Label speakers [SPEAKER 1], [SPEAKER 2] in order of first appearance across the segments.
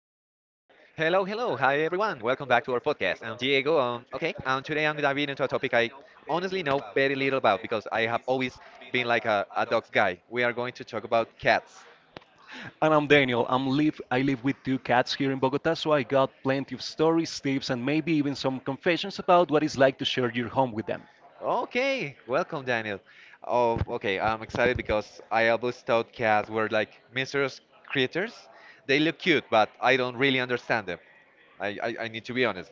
[SPEAKER 1] back to our podcast. I'm Diego. Okay, and today I'm diving into a topic I honestly know very little about because I have always been like a dog's guy. We are going to talk about cats.
[SPEAKER 2] And I'm Daniel. I'm live. I live with two cats here in Bogota, so I got plenty of stories, tips, and maybe even some confessions about what it's like to share your home with them.
[SPEAKER 1] Okay, welcome, Daniel. Oh, okay, I'm excited because I always thought cats were like mysterious creatures. They look cute, but I don't really understand them. I need to be honest.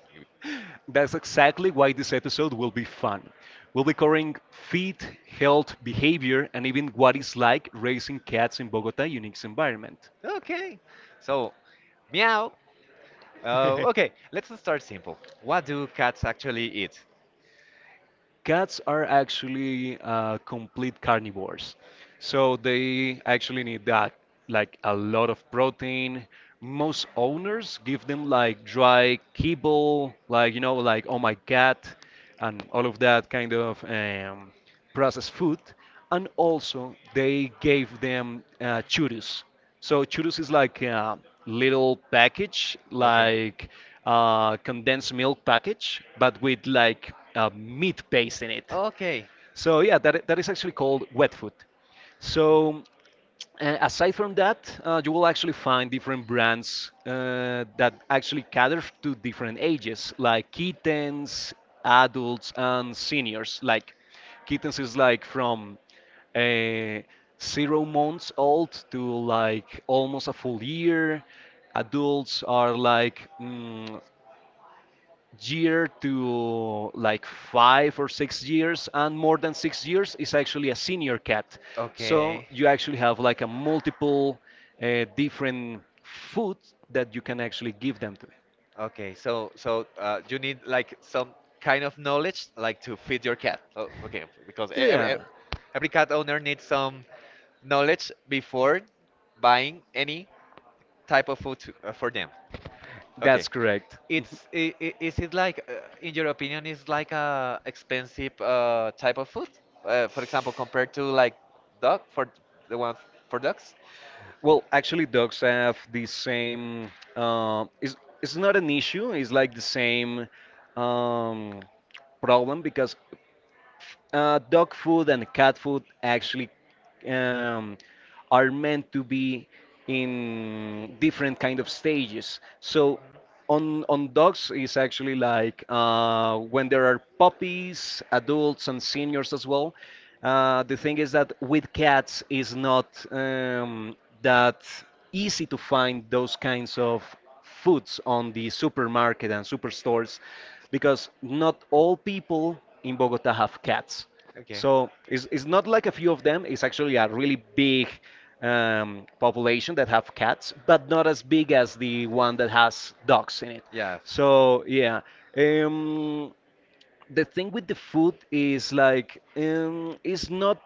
[SPEAKER 2] That's exactly why this episode will be fun. We'll be covering feet, health, behavior, and even what it's like raising cats in Bogota unique environment.
[SPEAKER 1] Okay, so meow. Okay, let's start simple. What do cats actually
[SPEAKER 2] Um,
[SPEAKER 1] eat?
[SPEAKER 2] Cats are actually complete carnivores. So they actually need that, like a lot of protein. Most owners give them like dry kibble, like, like, oh my cat, and all of that kind of processed food, and also they gave them churros. So churros is like a little package, like condensed milk package, but with like meat paste in it.
[SPEAKER 1] Okay. Okay.
[SPEAKER 2] So yeah, that is actually called wet food. So aside from that, you will actually find different brands that actually cater to different ages, like kittens, adults, and seniors. Like kittens is like from uh, 0 months old to like almost a full year. Adults are like year to like 5 or 6 years, and more than 6 years is actually a senior cat. So
[SPEAKER 1] Okay.
[SPEAKER 2] you actually have like a multiple different food that you can actually give them to.
[SPEAKER 1] at. Okay, so you need like some kind of knowledge like to feed your cat. Oh, okay, because
[SPEAKER 2] Yeah,
[SPEAKER 1] every cat owner needs some knowledge before buying any type of food to, for them. Okay.
[SPEAKER 2] that's correct. Mhm.
[SPEAKER 1] Is it like in your opinion is like a expensive type of food? For example, compared to like dog for the one for dogs?
[SPEAKER 2] Well, actually, dogs have the same. It's not an issue. It's like the same um, problem because dog food and cat food actually um, are meant to be in different kind of stages. So on dogs is actually like when there are puppies, adults, and seniors as well. The thing is that with cats is not that easy to find those kinds of foods on the supermarket and superstores because not all people in Bogota have cats.
[SPEAKER 1] Okay.
[SPEAKER 2] So it's not like a few of them. It's actually a really big population that have cats, but not as big as the one that has dogs in it.
[SPEAKER 1] Yeah.
[SPEAKER 2] So yeah, um, the thing with the food is like it's not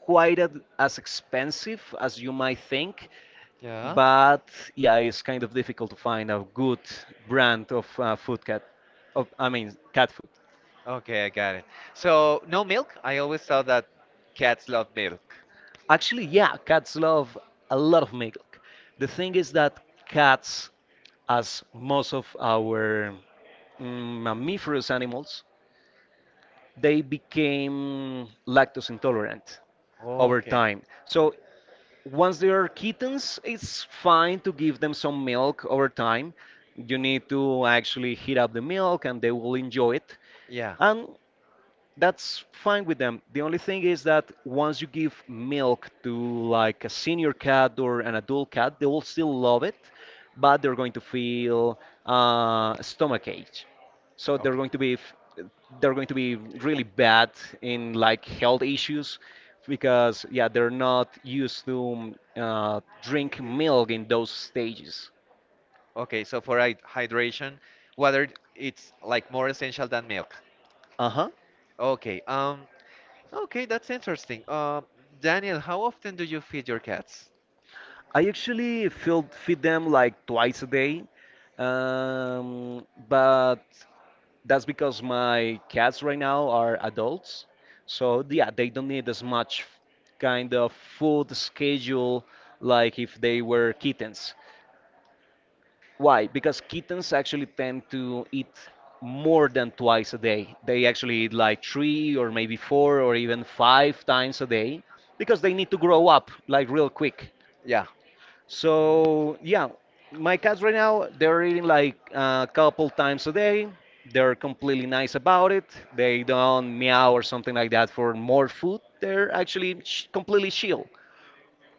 [SPEAKER 2] quite as expensive as you might think,
[SPEAKER 1] Yeah.
[SPEAKER 2] but yeah, it's kind of difficult to find a good brand of food cat. Of, I mean, cat food.
[SPEAKER 1] Okay, I got it. So no milk? I always thought that cats love milk.
[SPEAKER 2] Actually, yeah, cats love a lot of milk. The thing is that cats, as most of our mammiferous animals, they became lactose intolerant over
[SPEAKER 1] Okay.
[SPEAKER 2] time. So once they are kittens, it's fine to give them some milk over time. You need to actually heat up the milk and they will enjoy it.
[SPEAKER 1] Yeah.
[SPEAKER 2] And that's fine with them. The only thing is that once you give milk to like a senior cat or an adult cat, they will still love it, but they're going to feel stomach ache. So they're
[SPEAKER 1] Okay.
[SPEAKER 2] going to be they're going to be really bad in like health issues because yeah, they're not used to drink milk in those stages.
[SPEAKER 1] Okay, so for hydration, water it's like more essential than milk.
[SPEAKER 2] Uh-huh.
[SPEAKER 1] Okay, okay, that's interesting. Daniel, how often do you feed your cats?
[SPEAKER 2] I actually feed them like twice a day. But that's because my cats right now are adults, so yeah, they don't need as much kind of food schedule like if they were kittens. Why? Because kittens actually tend to eat more than twice a day. They actually eat like three or maybe four or even five times a day because they need to grow up like real quick.
[SPEAKER 1] Yeah.
[SPEAKER 2] So yeah, my cats right now they're eating like a couple times a day. They're completely nice about it. They don't meow or something like that for more food. They're actually sh completely chill.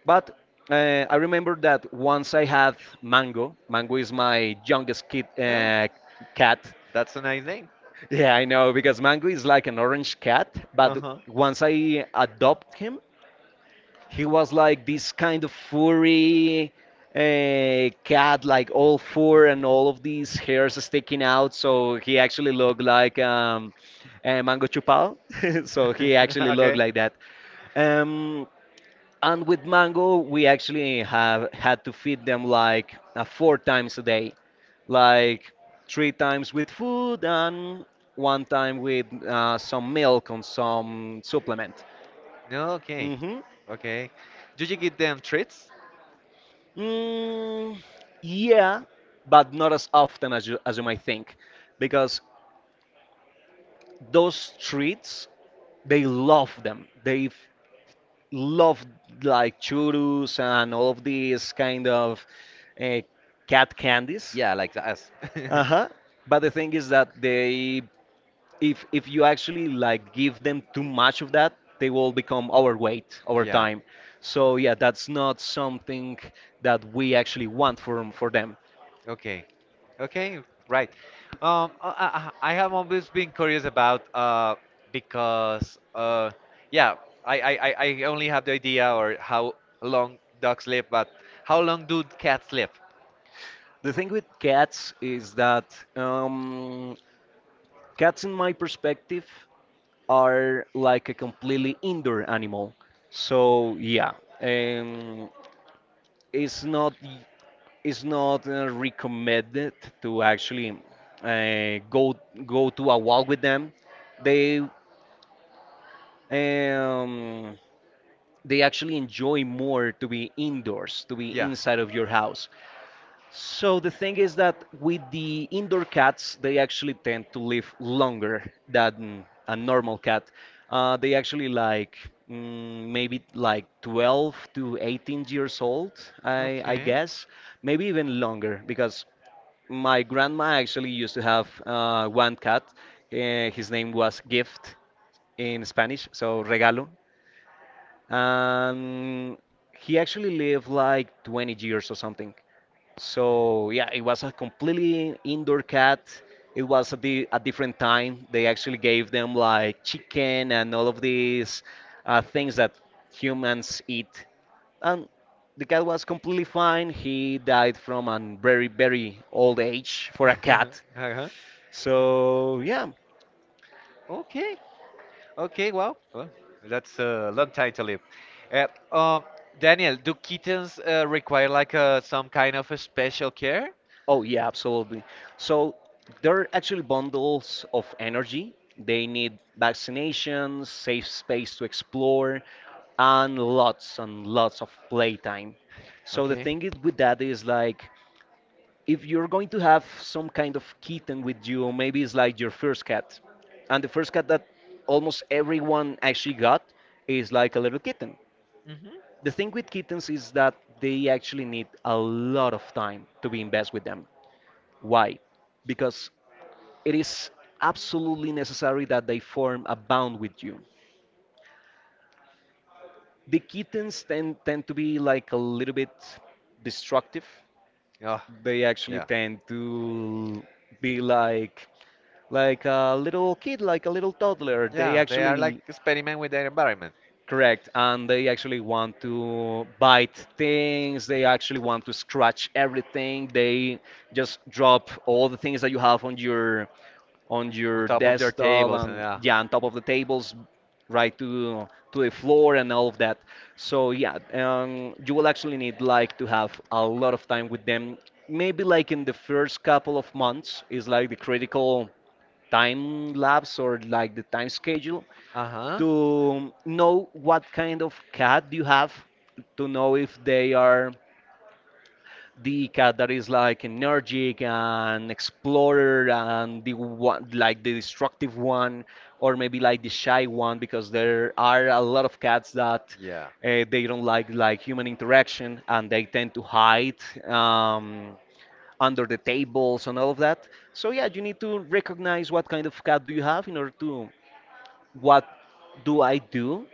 [SPEAKER 2] But I remember that once I had Mango. Mango is my youngest kid
[SPEAKER 1] Oh,
[SPEAKER 2] cat.
[SPEAKER 1] that's a nice name.
[SPEAKER 2] Yeah, I know because Mango is like an orange cat, but
[SPEAKER 1] Uh-huh.
[SPEAKER 2] once I adopt him, he was like this kind of furry cat, like all fur and all of these hairs sticking out. So he actually looked like Mango Chupal. So he actually looked
[SPEAKER 1] Okay.
[SPEAKER 2] like that. Um, and with Mango, we actually have had to feed them like 4 times a day, like 3 times with food and one time with some milk and some supplement.
[SPEAKER 1] No, okay.
[SPEAKER 2] Hmm.
[SPEAKER 1] Okay. Do you give them treats?
[SPEAKER 2] Mm, yeah, but not as often as you might think, because those streets they love them. They love like churros and all of these kind of uh, cat candies.
[SPEAKER 1] Yeah, like us.
[SPEAKER 2] Uh-huh. But the thing is that if you actually like give them too much of that, they will become overweight over
[SPEAKER 1] Yeah.
[SPEAKER 2] time. So yeah, that's not something that we actually want for them.
[SPEAKER 1] Okay. Okay. Right. I have always been curious about uh because uh yeah I, I I I only have the idea or how long dogs live, but how long do cats live?
[SPEAKER 2] The thing with cats is that cats, in my perspective, are like a completely indoor animal. So yeah, um, it's not y- it's not recommended to actually uh, go go to a walk with them. They um, they actually enjoy more to be indoors, to be
[SPEAKER 1] Yeah.
[SPEAKER 2] inside of your house. So the thing is that with the indoor cats, they actually tend to live longer than a normal cat. They actually like maybe like 12 to 18 years old, I
[SPEAKER 1] Okay.
[SPEAKER 2] guess, maybe even longer because my grandma actually used to have one cat. His name was Gift in Spanish, so regalo, and he actually lived like 20 years or something. So yeah, it was a completely indoor cat. It was at the a different time. They actually gave them like chicken and all of these things that humans eat. And the cat was completely fine. He died from a very very old age for a cat.
[SPEAKER 1] Uh-huh.
[SPEAKER 2] So yeah.
[SPEAKER 1] Okay. Okay, well, that's a long time to live. Uh, um, Daniel, do kittens require like some kind of a special care?
[SPEAKER 2] Oh, yeah, absolutely. So there are actually bundles of energy. They need vaccinations, safe space to explore, and lots of playtime. So the
[SPEAKER 1] Okay.
[SPEAKER 2] thing is with that is like if you're going to have some kind of kitten with you, maybe it's like your first cat. And the first cat that almost everyone actually got is like a little kitten.
[SPEAKER 1] Mm-hmm.
[SPEAKER 2] The thing with kittens is that they actually need a lot of time to be invested with them. Why? Because it is absolutely necessary that they form a bond with you. The kittens tend to be like a little bit destructive.
[SPEAKER 1] Oh,
[SPEAKER 2] They actually
[SPEAKER 1] yeah.
[SPEAKER 2] tend to be like a little kid, like a little toddler. They
[SPEAKER 1] Yeah, they are like
[SPEAKER 2] actually
[SPEAKER 1] experiment with their environment.
[SPEAKER 2] Correct, and they actually want to bite things, they actually want to scratch everything, they just drop all the things that you have on your
[SPEAKER 1] On top of your
[SPEAKER 2] desktop
[SPEAKER 1] tables and
[SPEAKER 2] and
[SPEAKER 1] yeah.
[SPEAKER 2] yeah, on top of the tables, right to the floor and all of that. So yeah, you will actually need like to have a lot of time with them. Maybe like in the first couple of months is like the critical time lapse or like the time schedule
[SPEAKER 1] Uh huh.
[SPEAKER 2] to know what kind of cat you have, to know if they are the cat that is like energetic and explorer and the one like the destructive one, or maybe like the shy one, because there are a lot of cats that
[SPEAKER 1] Yeah.
[SPEAKER 2] they don't like human interaction and they tend to hide um, under the tables and all of that. So yeah, you need to recognize what kind of cat do you have in order to, what do I do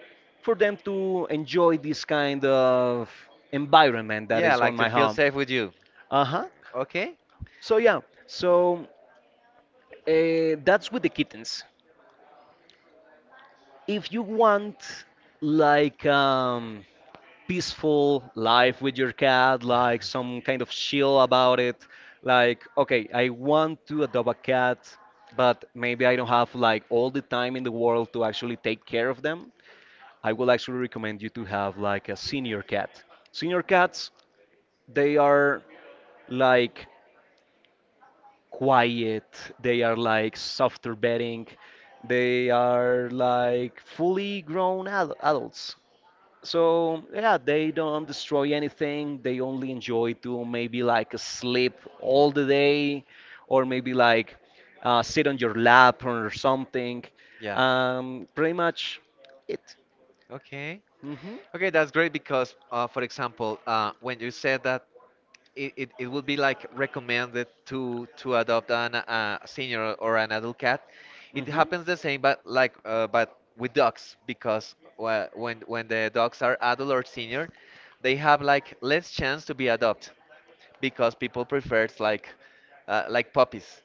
[SPEAKER 2] for them to enjoy this kind of environment that
[SPEAKER 1] Yeah,
[SPEAKER 2] is on
[SPEAKER 1] like to
[SPEAKER 2] my
[SPEAKER 1] feel
[SPEAKER 2] home.
[SPEAKER 1] safe with you.
[SPEAKER 2] Uh-huh.
[SPEAKER 1] Okay.
[SPEAKER 2] So yeah, so that's with the kittens. If you want like peaceful life with your cat, like some kind of chill about it, like, okay, I want to adopt a cat, but maybe I don't have like all the time in the world to actually take care of them. I will actually recommend you to have like a senior cat. Senior cats, they are like quiet, they are like softer bedding, they are like fully grown ad adults. So yeah, they don't destroy anything. They only enjoy to maybe like sleep all the day, or maybe like sit on your lap or something.
[SPEAKER 1] yeah.
[SPEAKER 2] Pretty much it.
[SPEAKER 1] Okay.
[SPEAKER 2] Hmm,
[SPEAKER 1] Okay, that's great because, for example, when you said that it would be like recommended to adopt an senior or an adult cat. It happens the same, but like but with dogs because when the dogs are adult or senior, they have like less chance to be adopted because people prefer it's like puppies.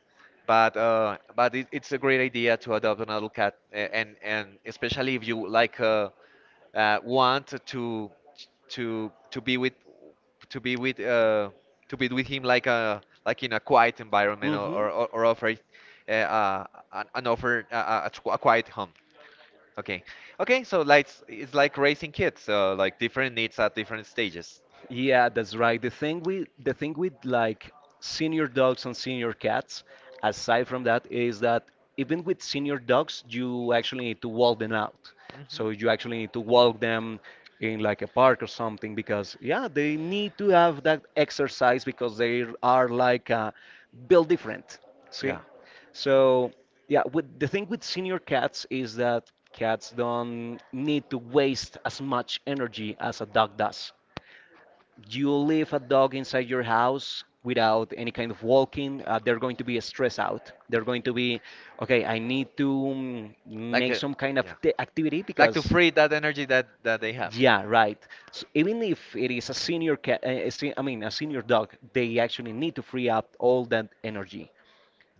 [SPEAKER 1] But it's a great idea to adopt an adult cat, and especially if you like want to be with to be with uh, to be with him like a like in a quiet environment
[SPEAKER 2] hmm,
[SPEAKER 1] or
[SPEAKER 2] hmm.
[SPEAKER 1] or, or or offer it, uh, uh, an offer a quiet home. Okay, okay. So like it's like raising kids, like different needs at different stages.
[SPEAKER 2] Yeah, that's right. The thing with like senior dogs and senior cats, aside from that, is that even with senior dogs, you actually need to walk them out. So you actually need to walk them in like a park or something because yeah, they need to have that exercise because they are like built different. See?
[SPEAKER 1] Mhm.
[SPEAKER 2] So, yeah, with the thing with senior cats is that cats don't need to waste as much energy as a dog does. You leave a dog inside your house without any kind of walking, they're going to be stressed out. They're going to be, okay, I need to
[SPEAKER 1] Like
[SPEAKER 2] make
[SPEAKER 1] a,
[SPEAKER 2] some kind of
[SPEAKER 1] yeah,
[SPEAKER 2] activity,
[SPEAKER 1] like to
[SPEAKER 2] because,
[SPEAKER 1] free that energy that that they have.
[SPEAKER 2] yeah, right. So even if it is a senior cat, I mean, a senior dog, they actually need to free up all that energy.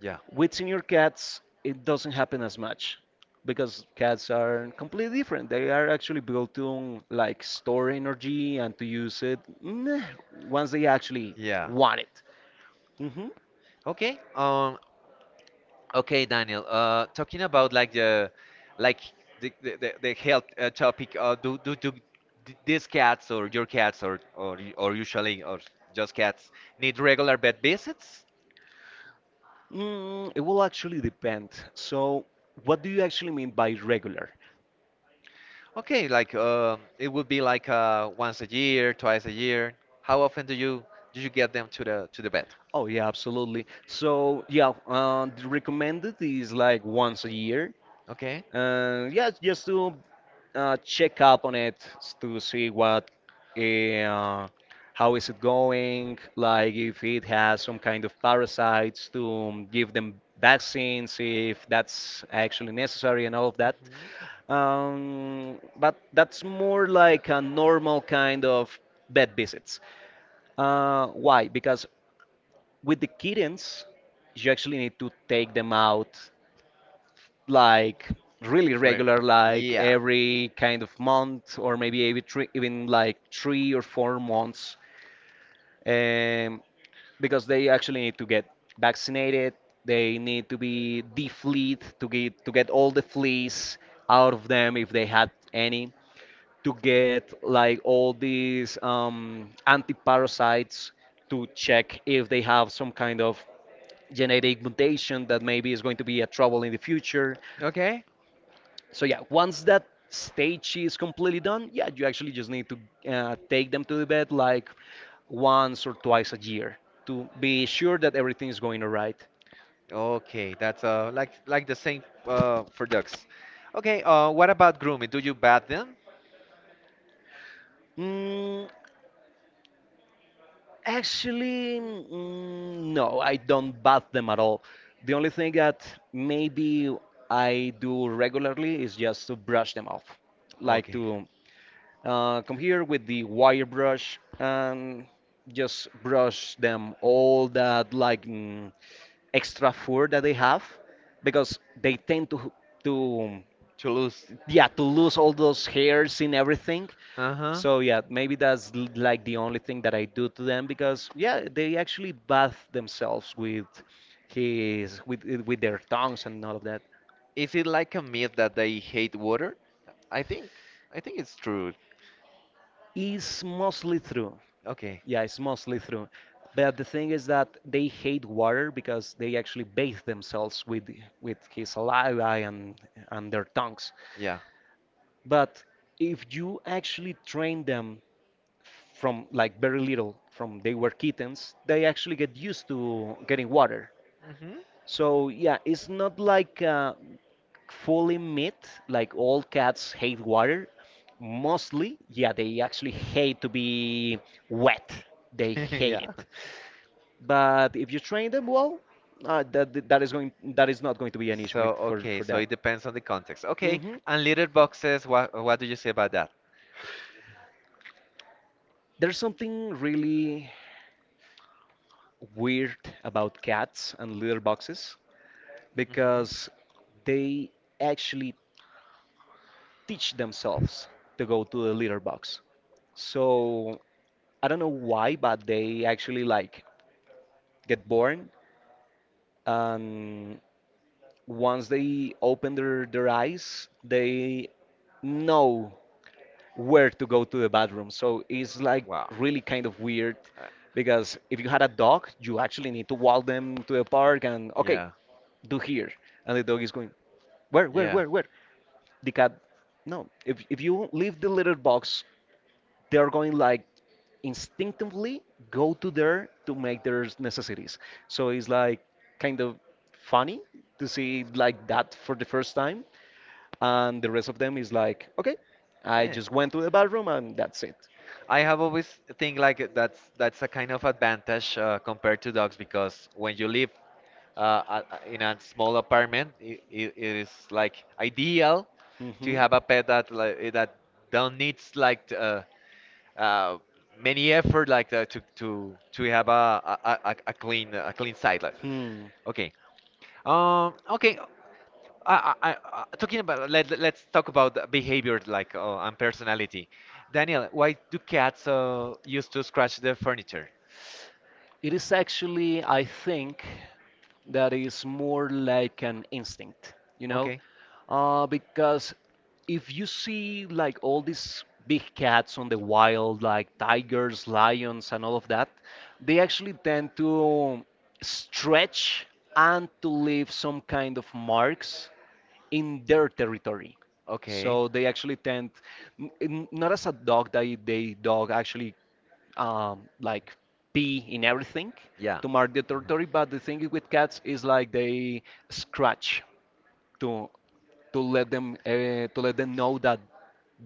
[SPEAKER 1] Yeah,
[SPEAKER 2] With senior cats, it doesn't happen as much because cats are completely different. They are actually built to like store energy and to use it once they actually
[SPEAKER 1] yeah.
[SPEAKER 2] want it. Hmm.
[SPEAKER 1] Okay. Okay, Daniel. Talking about like like the health topic. Do these cats or your cats or usually or just cats need regular vet visits?
[SPEAKER 2] It will actually depend. So, what do you actually mean by regular?
[SPEAKER 1] Okay, like it would be like once a year, twice a year. How often do you get them to the vet?
[SPEAKER 2] Oh, yeah, absolutely. So, yeah, the recommended is like once a year.
[SPEAKER 1] Okay.
[SPEAKER 2] Yeah, just to check up on it to see what, uh, how is it going, like if it has some kind of parasites, to give them vaccines if that's actually necessary and all of that.
[SPEAKER 1] Mhm.
[SPEAKER 2] Um, but that's more like a normal kind of vet visits. Uh, why because with the kittens you actually need to take them out like really
[SPEAKER 1] Right.
[SPEAKER 2] regular, like
[SPEAKER 1] Yeah.
[SPEAKER 2] every kind of month or maybe every three, even like 3 or 4 months, um, because they actually need to get vaccinated. They need to be defleed to get all the fleas out of them if they had any. To get like all these anti-parasites, to check if they have some kind of genetic mutation that maybe is going to be a trouble in the future.
[SPEAKER 1] Okay.
[SPEAKER 2] So yeah, once that stage is completely done, yeah, you actually just need to take them to the vet like once or twice a year to be sure that everything is going all right.
[SPEAKER 1] Okay, that's like the same for ducks. Okay, what about grooming? Do you bat them?
[SPEAKER 2] Mm, Actually, no, I don't bath them at all. The only thing that maybe I do regularly is just to brush them off, like
[SPEAKER 1] Okay.
[SPEAKER 2] to come here with the wire brush and just brush them all that like, extra fur that they have because they tend to,
[SPEAKER 1] Toulouse.
[SPEAKER 2] yeah, to lose all those hairs and everything.
[SPEAKER 1] Uh-huh.
[SPEAKER 2] So yeah, maybe that's like the only thing that I do to them because yeah, they actually bath themselves with his with their tongues and all of that.
[SPEAKER 1] Is it like a myth that they hate water? I think I think it's true.
[SPEAKER 2] It's mostly true.
[SPEAKER 1] Okay,
[SPEAKER 2] Yeah, it's mostly true. But the thing is that they hate water because they actually bathe themselves with his saliva and their tongues.
[SPEAKER 1] yeah.
[SPEAKER 2] But if you actually train them from like very little, from they were kittens, they actually get used to getting water.
[SPEAKER 1] Mm-hmm.
[SPEAKER 2] So yeah, it's not like fully myth, like all cats hate water. Mostly, yeah, they actually hate to be wet. They hate
[SPEAKER 1] Yeah.
[SPEAKER 2] it. But if you train them well, that is not going to be an issue
[SPEAKER 1] So
[SPEAKER 2] with
[SPEAKER 1] okay,
[SPEAKER 2] for
[SPEAKER 1] so
[SPEAKER 2] that.
[SPEAKER 1] it depends on the context. Okay,
[SPEAKER 2] Hmm.
[SPEAKER 1] and litter boxes, what do you say about that?
[SPEAKER 2] There's something really weird about cats and litter boxes
[SPEAKER 1] Mhm.
[SPEAKER 2] because they actually teach themselves to go to the litter box. So I don't know why, but they actually like get born, and once they open their eyes, they know where to go to the bathroom. So it's like
[SPEAKER 1] Wow.
[SPEAKER 2] really kind of weird
[SPEAKER 1] I,
[SPEAKER 2] because if you had a dog, you actually need to walk them to the park and okay,
[SPEAKER 1] yeah,
[SPEAKER 2] do here. And the dog is going,
[SPEAKER 1] yeah.
[SPEAKER 2] where, where? The cat, no. If you leave the litter box, they're going like instinctively go to there to make their necessities. So it's like kind of funny to see it like that for the first time. And the rest of them is like, okay, I
[SPEAKER 1] Yeah,
[SPEAKER 2] just went to the bathroom and that's it.
[SPEAKER 1] I have always think like that's a kind of advantage compared to dogs because when you live in a small apartment, it is like ideal to
[SPEAKER 2] Mhm.
[SPEAKER 1] have a pet that like, eh, that don't needs like uh, many effort like to have a clean a clean side like.
[SPEAKER 2] Hmm.
[SPEAKER 1] Okay. Okay. Talking about let's talk about the behavior like and personality. Daniel, why do cats used to scratch the furniture?
[SPEAKER 2] It is actually, I think, that is more like an instinct, you know?
[SPEAKER 1] Okay,
[SPEAKER 2] Because if you see like all these big cats on the wild, like tigers, lions, and all of that, they actually tend to stretch and to leave some kind of marks in their territory.
[SPEAKER 1] okay,
[SPEAKER 2] So they actually tend, not as a dog, they dog actually like pee in everything
[SPEAKER 1] yeah,
[SPEAKER 2] to mark the territory. But the thing with cats is like they scratch to to let them, to let them know that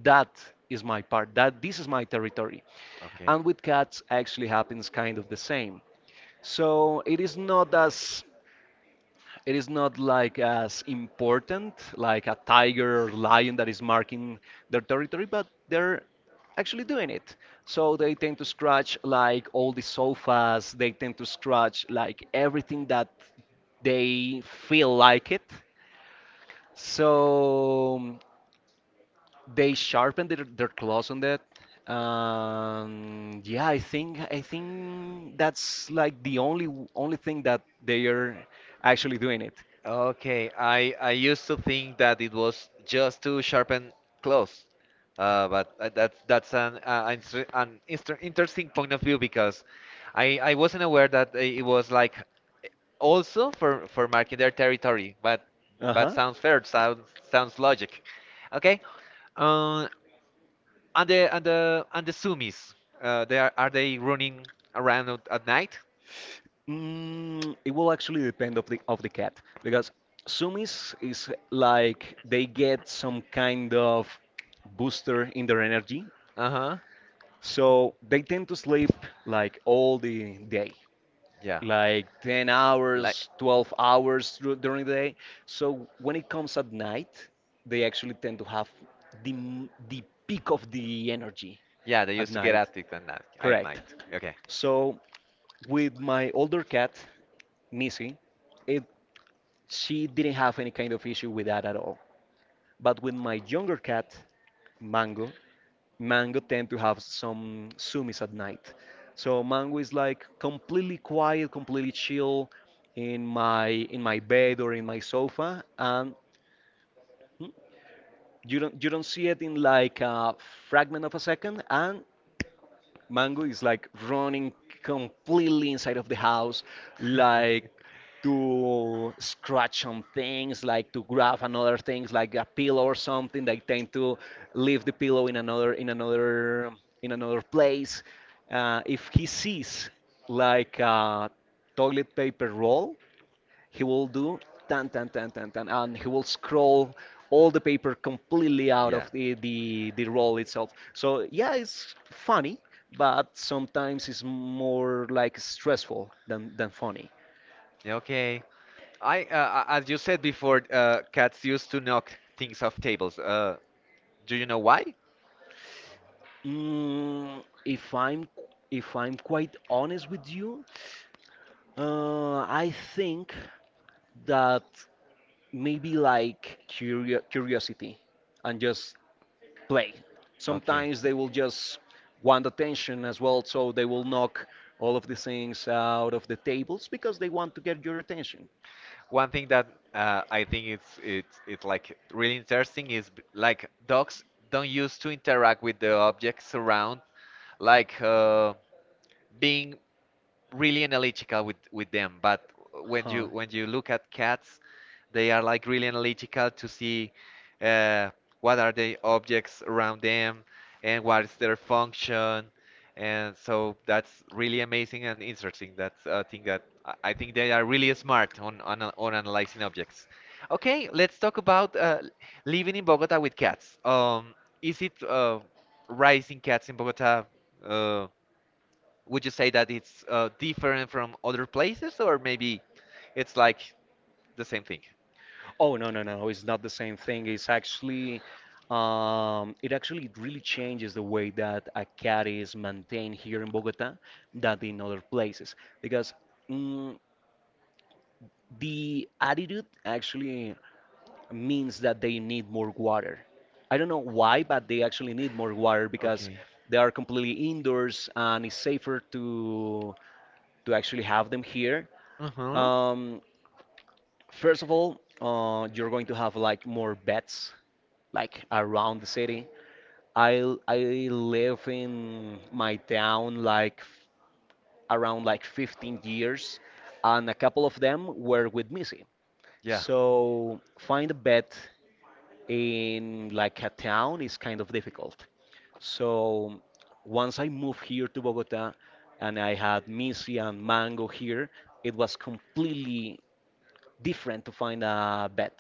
[SPEAKER 2] that is my part, that this is my territory.
[SPEAKER 1] Mhm. okay.
[SPEAKER 2] And with cats actually happens kind of the same. So it is not as it is not like as important like a tiger or lion that is marking their territory, but they're actually doing it. So they tend to scratch like all the sofas. They tend to scratch like everything that they feel like it. So they sharpen their claws on that. Yeah, I think that's like the only thing that they are actually doing it.
[SPEAKER 1] Okay, I used to think that it was just to sharpen claws, but that's an interesting point of view because I wasn't aware that it was like also for marking their territory, but
[SPEAKER 2] Uh-huh.
[SPEAKER 1] sounds fair, sounds sounds logic. Okay, uh, and the sumis, they are they running around at night?
[SPEAKER 2] It will actually depend of the cat because sumis is like they get some kind of booster in their energy,
[SPEAKER 1] Uh-huh.
[SPEAKER 2] so they tend to sleep like all the day,
[SPEAKER 1] Yeah.
[SPEAKER 2] like 10
[SPEAKER 1] Like.
[SPEAKER 2] hours, 12 hours during the day. So when it comes at night, they actually tend to have the peak of the energy
[SPEAKER 1] Yeah, they
[SPEAKER 2] at
[SPEAKER 1] used to get
[SPEAKER 2] night.
[SPEAKER 1] addicted at night. At
[SPEAKER 2] Correct.
[SPEAKER 1] night. Okay.
[SPEAKER 2] So with my older cat, Nisi, it she didn't have any kind of issue with that at all. But with my younger cat, Mango, Mango tend to have some sumis at night. So Mango is like completely quiet, completely chill in my bed or in my sofa, and mm, you don't see it in like a fragment of a second, and Mango is like running completely inside of the house, like to scratch on things, like to grab another things, like a pillow or something. They tend to leave the pillow in another place. If he sees like a toilet paper roll, he will do tan tan tan tan tan, and he will scroll all the paper completely out
[SPEAKER 1] Yeah.
[SPEAKER 2] of the roll itself. So yeah, it's funny, but sometimes it's more like stressful than funny.
[SPEAKER 1] Yeah, Okay. As you said before, cats used to knock things off tables. Do you know why?
[SPEAKER 2] Mm, if I'm if I'm quite honest with you, I think that maybe like curiosity and just play.
[SPEAKER 1] Okay.
[SPEAKER 2] Sometimes they will just want attention as well, so they will knock all of the things out of the tables because they want to get your attention.
[SPEAKER 1] One thing that I think it's like really interesting is like dogs don't used to interact with the objects around, like being really analytical with them but when you
[SPEAKER 2] Huh.
[SPEAKER 1] when you look at cats they are like really analytical to see uh, what are the objects around them and what is their function and so that's really amazing and interesting that's a thing that I think they are really smart on on analyzing objects. Okay, let's talk about living in Bogota with cats. Is it raising cats in Bogota, uh, would you say that it's different from other places, or maybe it's like the same thing?
[SPEAKER 2] Oh no no no! It's not the same thing. It actually really changes the way that a cat is maintained here in Bogota than in other places because mm, the attitude actually means that they need more water. I don't know why, but they actually need more water because
[SPEAKER 1] Okay.
[SPEAKER 2] they are completely indoors and it's safer to actually have them here.
[SPEAKER 1] Uh huh.
[SPEAKER 2] Um, First of all, you're going to have like more beds like around the city. I live in my town like around like 15 years, and a couple of them were with Missy.
[SPEAKER 1] Yeah.
[SPEAKER 2] So find a bed in like a town is kind of difficult. So once I moved here to Bogota and I had Missy and Mango here, it was completely different to find a bed.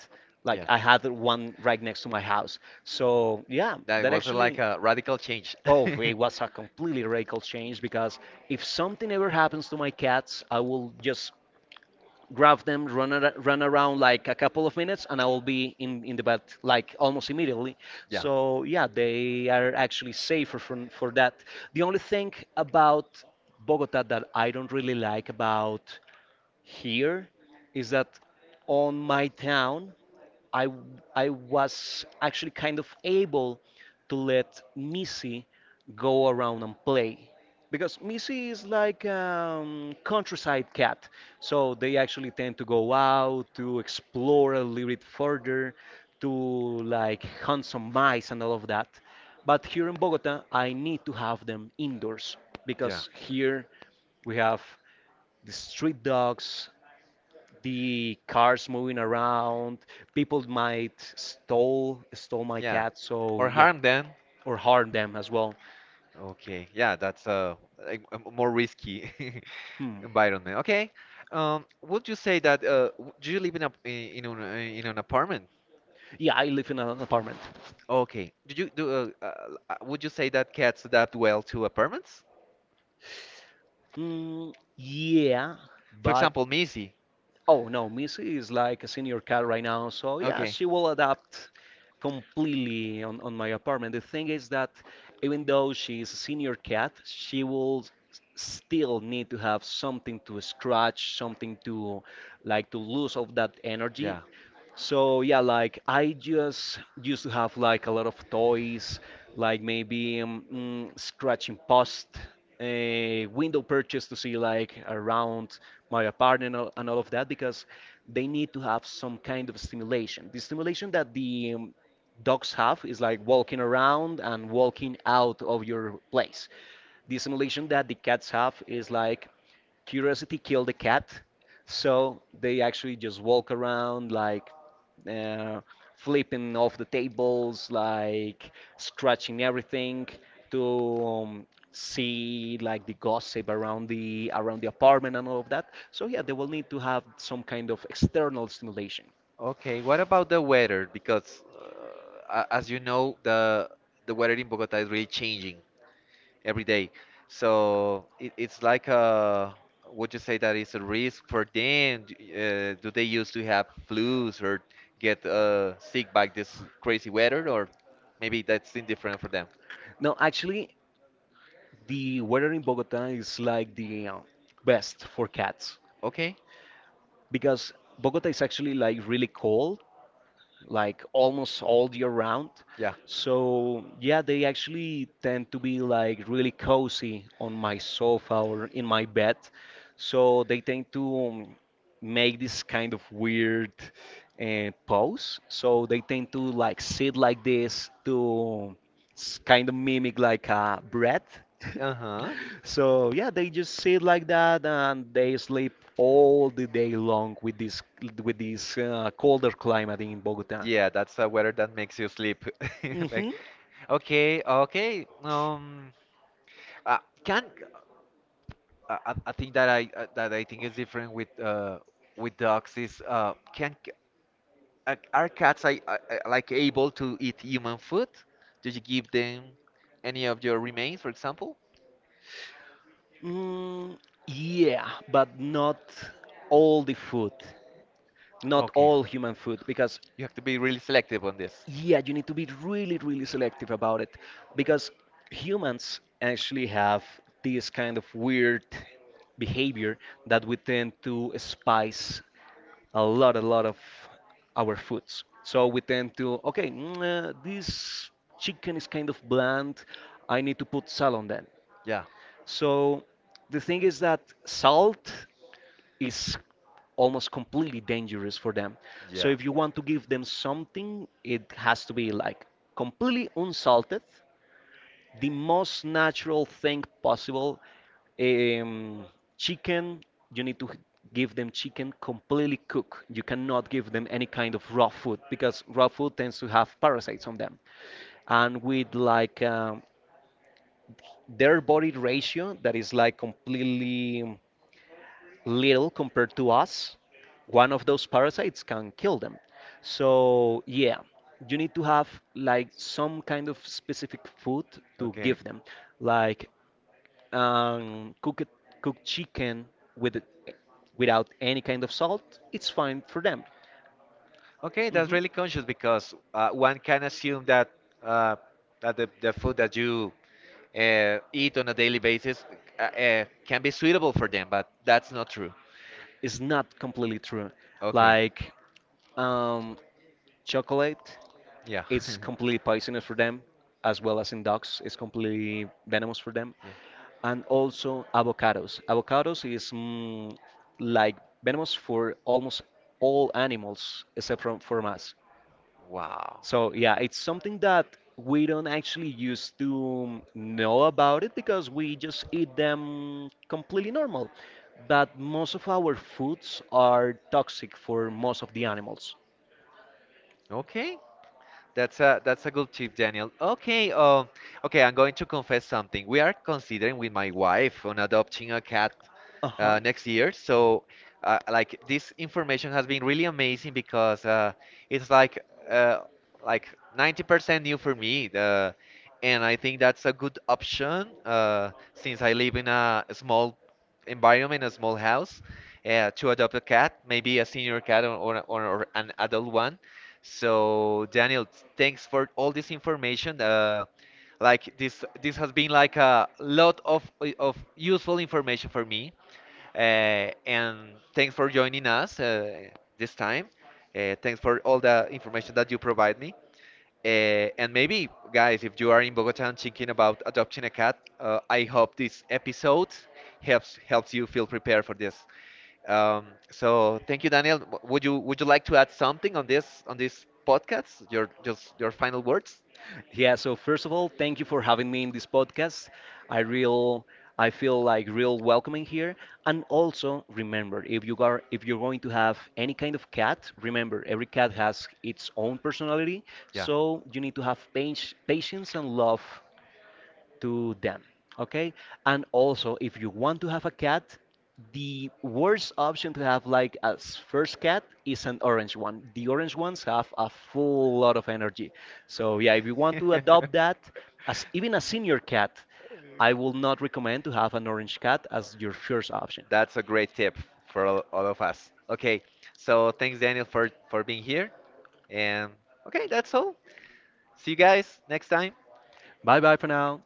[SPEAKER 2] Like
[SPEAKER 1] Yeah.
[SPEAKER 2] I had one right next to my house. So yeah,
[SPEAKER 1] That
[SPEAKER 2] that
[SPEAKER 1] was like
[SPEAKER 2] actually
[SPEAKER 1] a radical change.
[SPEAKER 2] oh, it was a completely radical change because if something ever happens to my cats, I will just grab them, run, run around like a couple of minutes, and I will be in the bed like almost immediately.
[SPEAKER 1] Yeah.
[SPEAKER 2] So yeah, they are actually safer for that. The only thing about Bogota that I don't really like about here is that on my town I was actually kind of able to let Missy go around and play because Missy is like countryside cat, so they actually tend to go out to explore a little bit further, to like hunt some mice and all of that. But here in Bogota, I need to have them indoors
[SPEAKER 1] Yeah.
[SPEAKER 2] because here we have the street dogs, the cars moving around. People might stole my
[SPEAKER 1] Yeah.
[SPEAKER 2] cat, so
[SPEAKER 1] Or
[SPEAKER 2] yeah,
[SPEAKER 1] harm them.
[SPEAKER 2] or harm them as well.
[SPEAKER 1] Okay. Yeah, that's a more risky
[SPEAKER 2] Hmm.
[SPEAKER 1] environment. Okay. Would you say that do you live in a in an apartment?
[SPEAKER 2] Yeah, I live in an apartment.
[SPEAKER 1] Okay. Do you do would you say that cats adapt well to apartments?
[SPEAKER 2] Yeah,
[SPEAKER 1] For
[SPEAKER 2] but
[SPEAKER 1] example, Missy.
[SPEAKER 2] oh no, Missy is like a senior cat right now, so yeah,
[SPEAKER 1] Okay.
[SPEAKER 2] she will adapt completely on my apartment. The thing is that even though she is a senior cat, she will still need to have something to scratch, something to like to lose of that energy.
[SPEAKER 1] Yeah.
[SPEAKER 2] So yeah, like I just used to have like a lot of toys, like maybe scratching post, a window purchase to see like around my apartment and all of that because they need to have some kind of stimulation. The stimulation that the dogs have is like walking around and walking out of your place. The stimulation that the cats have is like curiosity killed the cat. So they actually just walk around like uh, flipping off the tables, like scratching everything to um, see like the gossip around the apartment and all of that. So yeah, they will need to have some kind of external stimulation.
[SPEAKER 1] Okay. What about the weather? Because as you know, the weather in Bogota is really changing. Every day. So it's like a, would you say that it's a risk for them? Do they used to have flus or get sick by this crazy weather, or maybe that's indifferent for them?
[SPEAKER 2] Now, actually, the weather in Bogota is like the best for cats
[SPEAKER 1] Okay,
[SPEAKER 2] because Bogota is actually like really cold like almost all year round.
[SPEAKER 1] yeah.
[SPEAKER 2] So yeah, they actually tend to be like really cozy on my sofa or in my bed. So they tend to make this kind of weird pose. So they tend to like sit like this to kind of mimic like a breath.
[SPEAKER 1] Uh-huh.
[SPEAKER 2] So yeah, they just sit like that and they sleep all the day long with this colder climate in Bogota.
[SPEAKER 1] Yeah, that's a weather that makes you sleep. Like,
[SPEAKER 2] Hmm.
[SPEAKER 1] okay, okay. Uh, can I think that I think is different with dogs is are cats like able to eat human food? Did you give them any of your remains, for example?
[SPEAKER 2] Mm, yeah, but not all the food, not
[SPEAKER 1] Okay,
[SPEAKER 2] all human food, because
[SPEAKER 1] you have to be really selective on this.
[SPEAKER 2] yeah, you need to be really, really selective about it, because humans actually have this kind of weird behavior that we tend to spice a lot of our foods. So we tend to, okay, this chicken is kind of bland. I need to put salt on that.
[SPEAKER 1] Yeah,
[SPEAKER 2] So the thing is that salt is almost completely dangerous for them. So
[SPEAKER 1] yeah.
[SPEAKER 2] if you want to give them something, it has to be like completely unsalted, the most natural thing possible. Um, Chicken, you need to give them chicken completely cooked. You cannot give them any kind of raw food because raw food tends to have parasites on them. And with like their body ratio that is like completely little compared to us, one of those parasites can kill them. So, yeah, you need to have like some kind of specific food to
[SPEAKER 1] Okay,
[SPEAKER 2] give them, like um, cooked cooked chicken with without any kind of salt. It's fine for them.
[SPEAKER 1] okay, that's really
[SPEAKER 2] Hmm.
[SPEAKER 1] conscious because one can assume that uh, the food that you eat on a daily basis can be suitable for them, but that's not true.
[SPEAKER 2] It's not completely true.
[SPEAKER 1] Okay.
[SPEAKER 2] Like um, chocolate,
[SPEAKER 1] Yeah.
[SPEAKER 2] it's completely poisonous for them, as well as in dogs, it's completely venomous for them.
[SPEAKER 1] Yeah.
[SPEAKER 2] And also avocados. Avocados is like venomous for almost all animals except from us.
[SPEAKER 1] Wow.
[SPEAKER 2] So yeah, it's something that we don't actually used to know about it because we just eat them completely normal. But most of our foods are toxic for most of the animals.
[SPEAKER 1] Okay. That's a good tip, Daniel. Okay, okay, I'm going to confess something. We are considering with my wife on adopting a cat
[SPEAKER 2] Uh-huh.
[SPEAKER 1] next year. So, like this information has been really amazing because it's uh, like 90% new for me. The, and I think that's a good option since I live in a small environment, a small house, to adopt a cat, maybe a senior cat or an adult one. So, Daniel, thanks for all this information. Like this, this has been like a lot of useful information for me. And thanks for joining us this time. Thanks for all the information that you provide me. And maybe, guys, if you are in Bogota and thinking about adopting a cat, I hope this episode helps you feel prepared for this. So thank you, Daniel. Would you like to add something on this podcast? Your just your final words?
[SPEAKER 2] Yeah, so first of all, thank you for having me in this podcast. I real I feel like real welcoming here. And also remember, if you're going to have any kind of cat, remember every cat has its own personality,
[SPEAKER 1] Yeah.
[SPEAKER 2] so you need to have patience and love to them. Okay? And also, if you want to have a cat, the worst option to have like as first cat is an orange one. The orange ones have a full lot of energy. So yeah, if you want to adopt that as even a senior cat, I will not recommend to have an orange cat as your first option.
[SPEAKER 1] That's a great tip for all of us. Okay, so thanks Daniel for being here, and okay, that's all. See you guys next time.
[SPEAKER 2] Bye bye for now.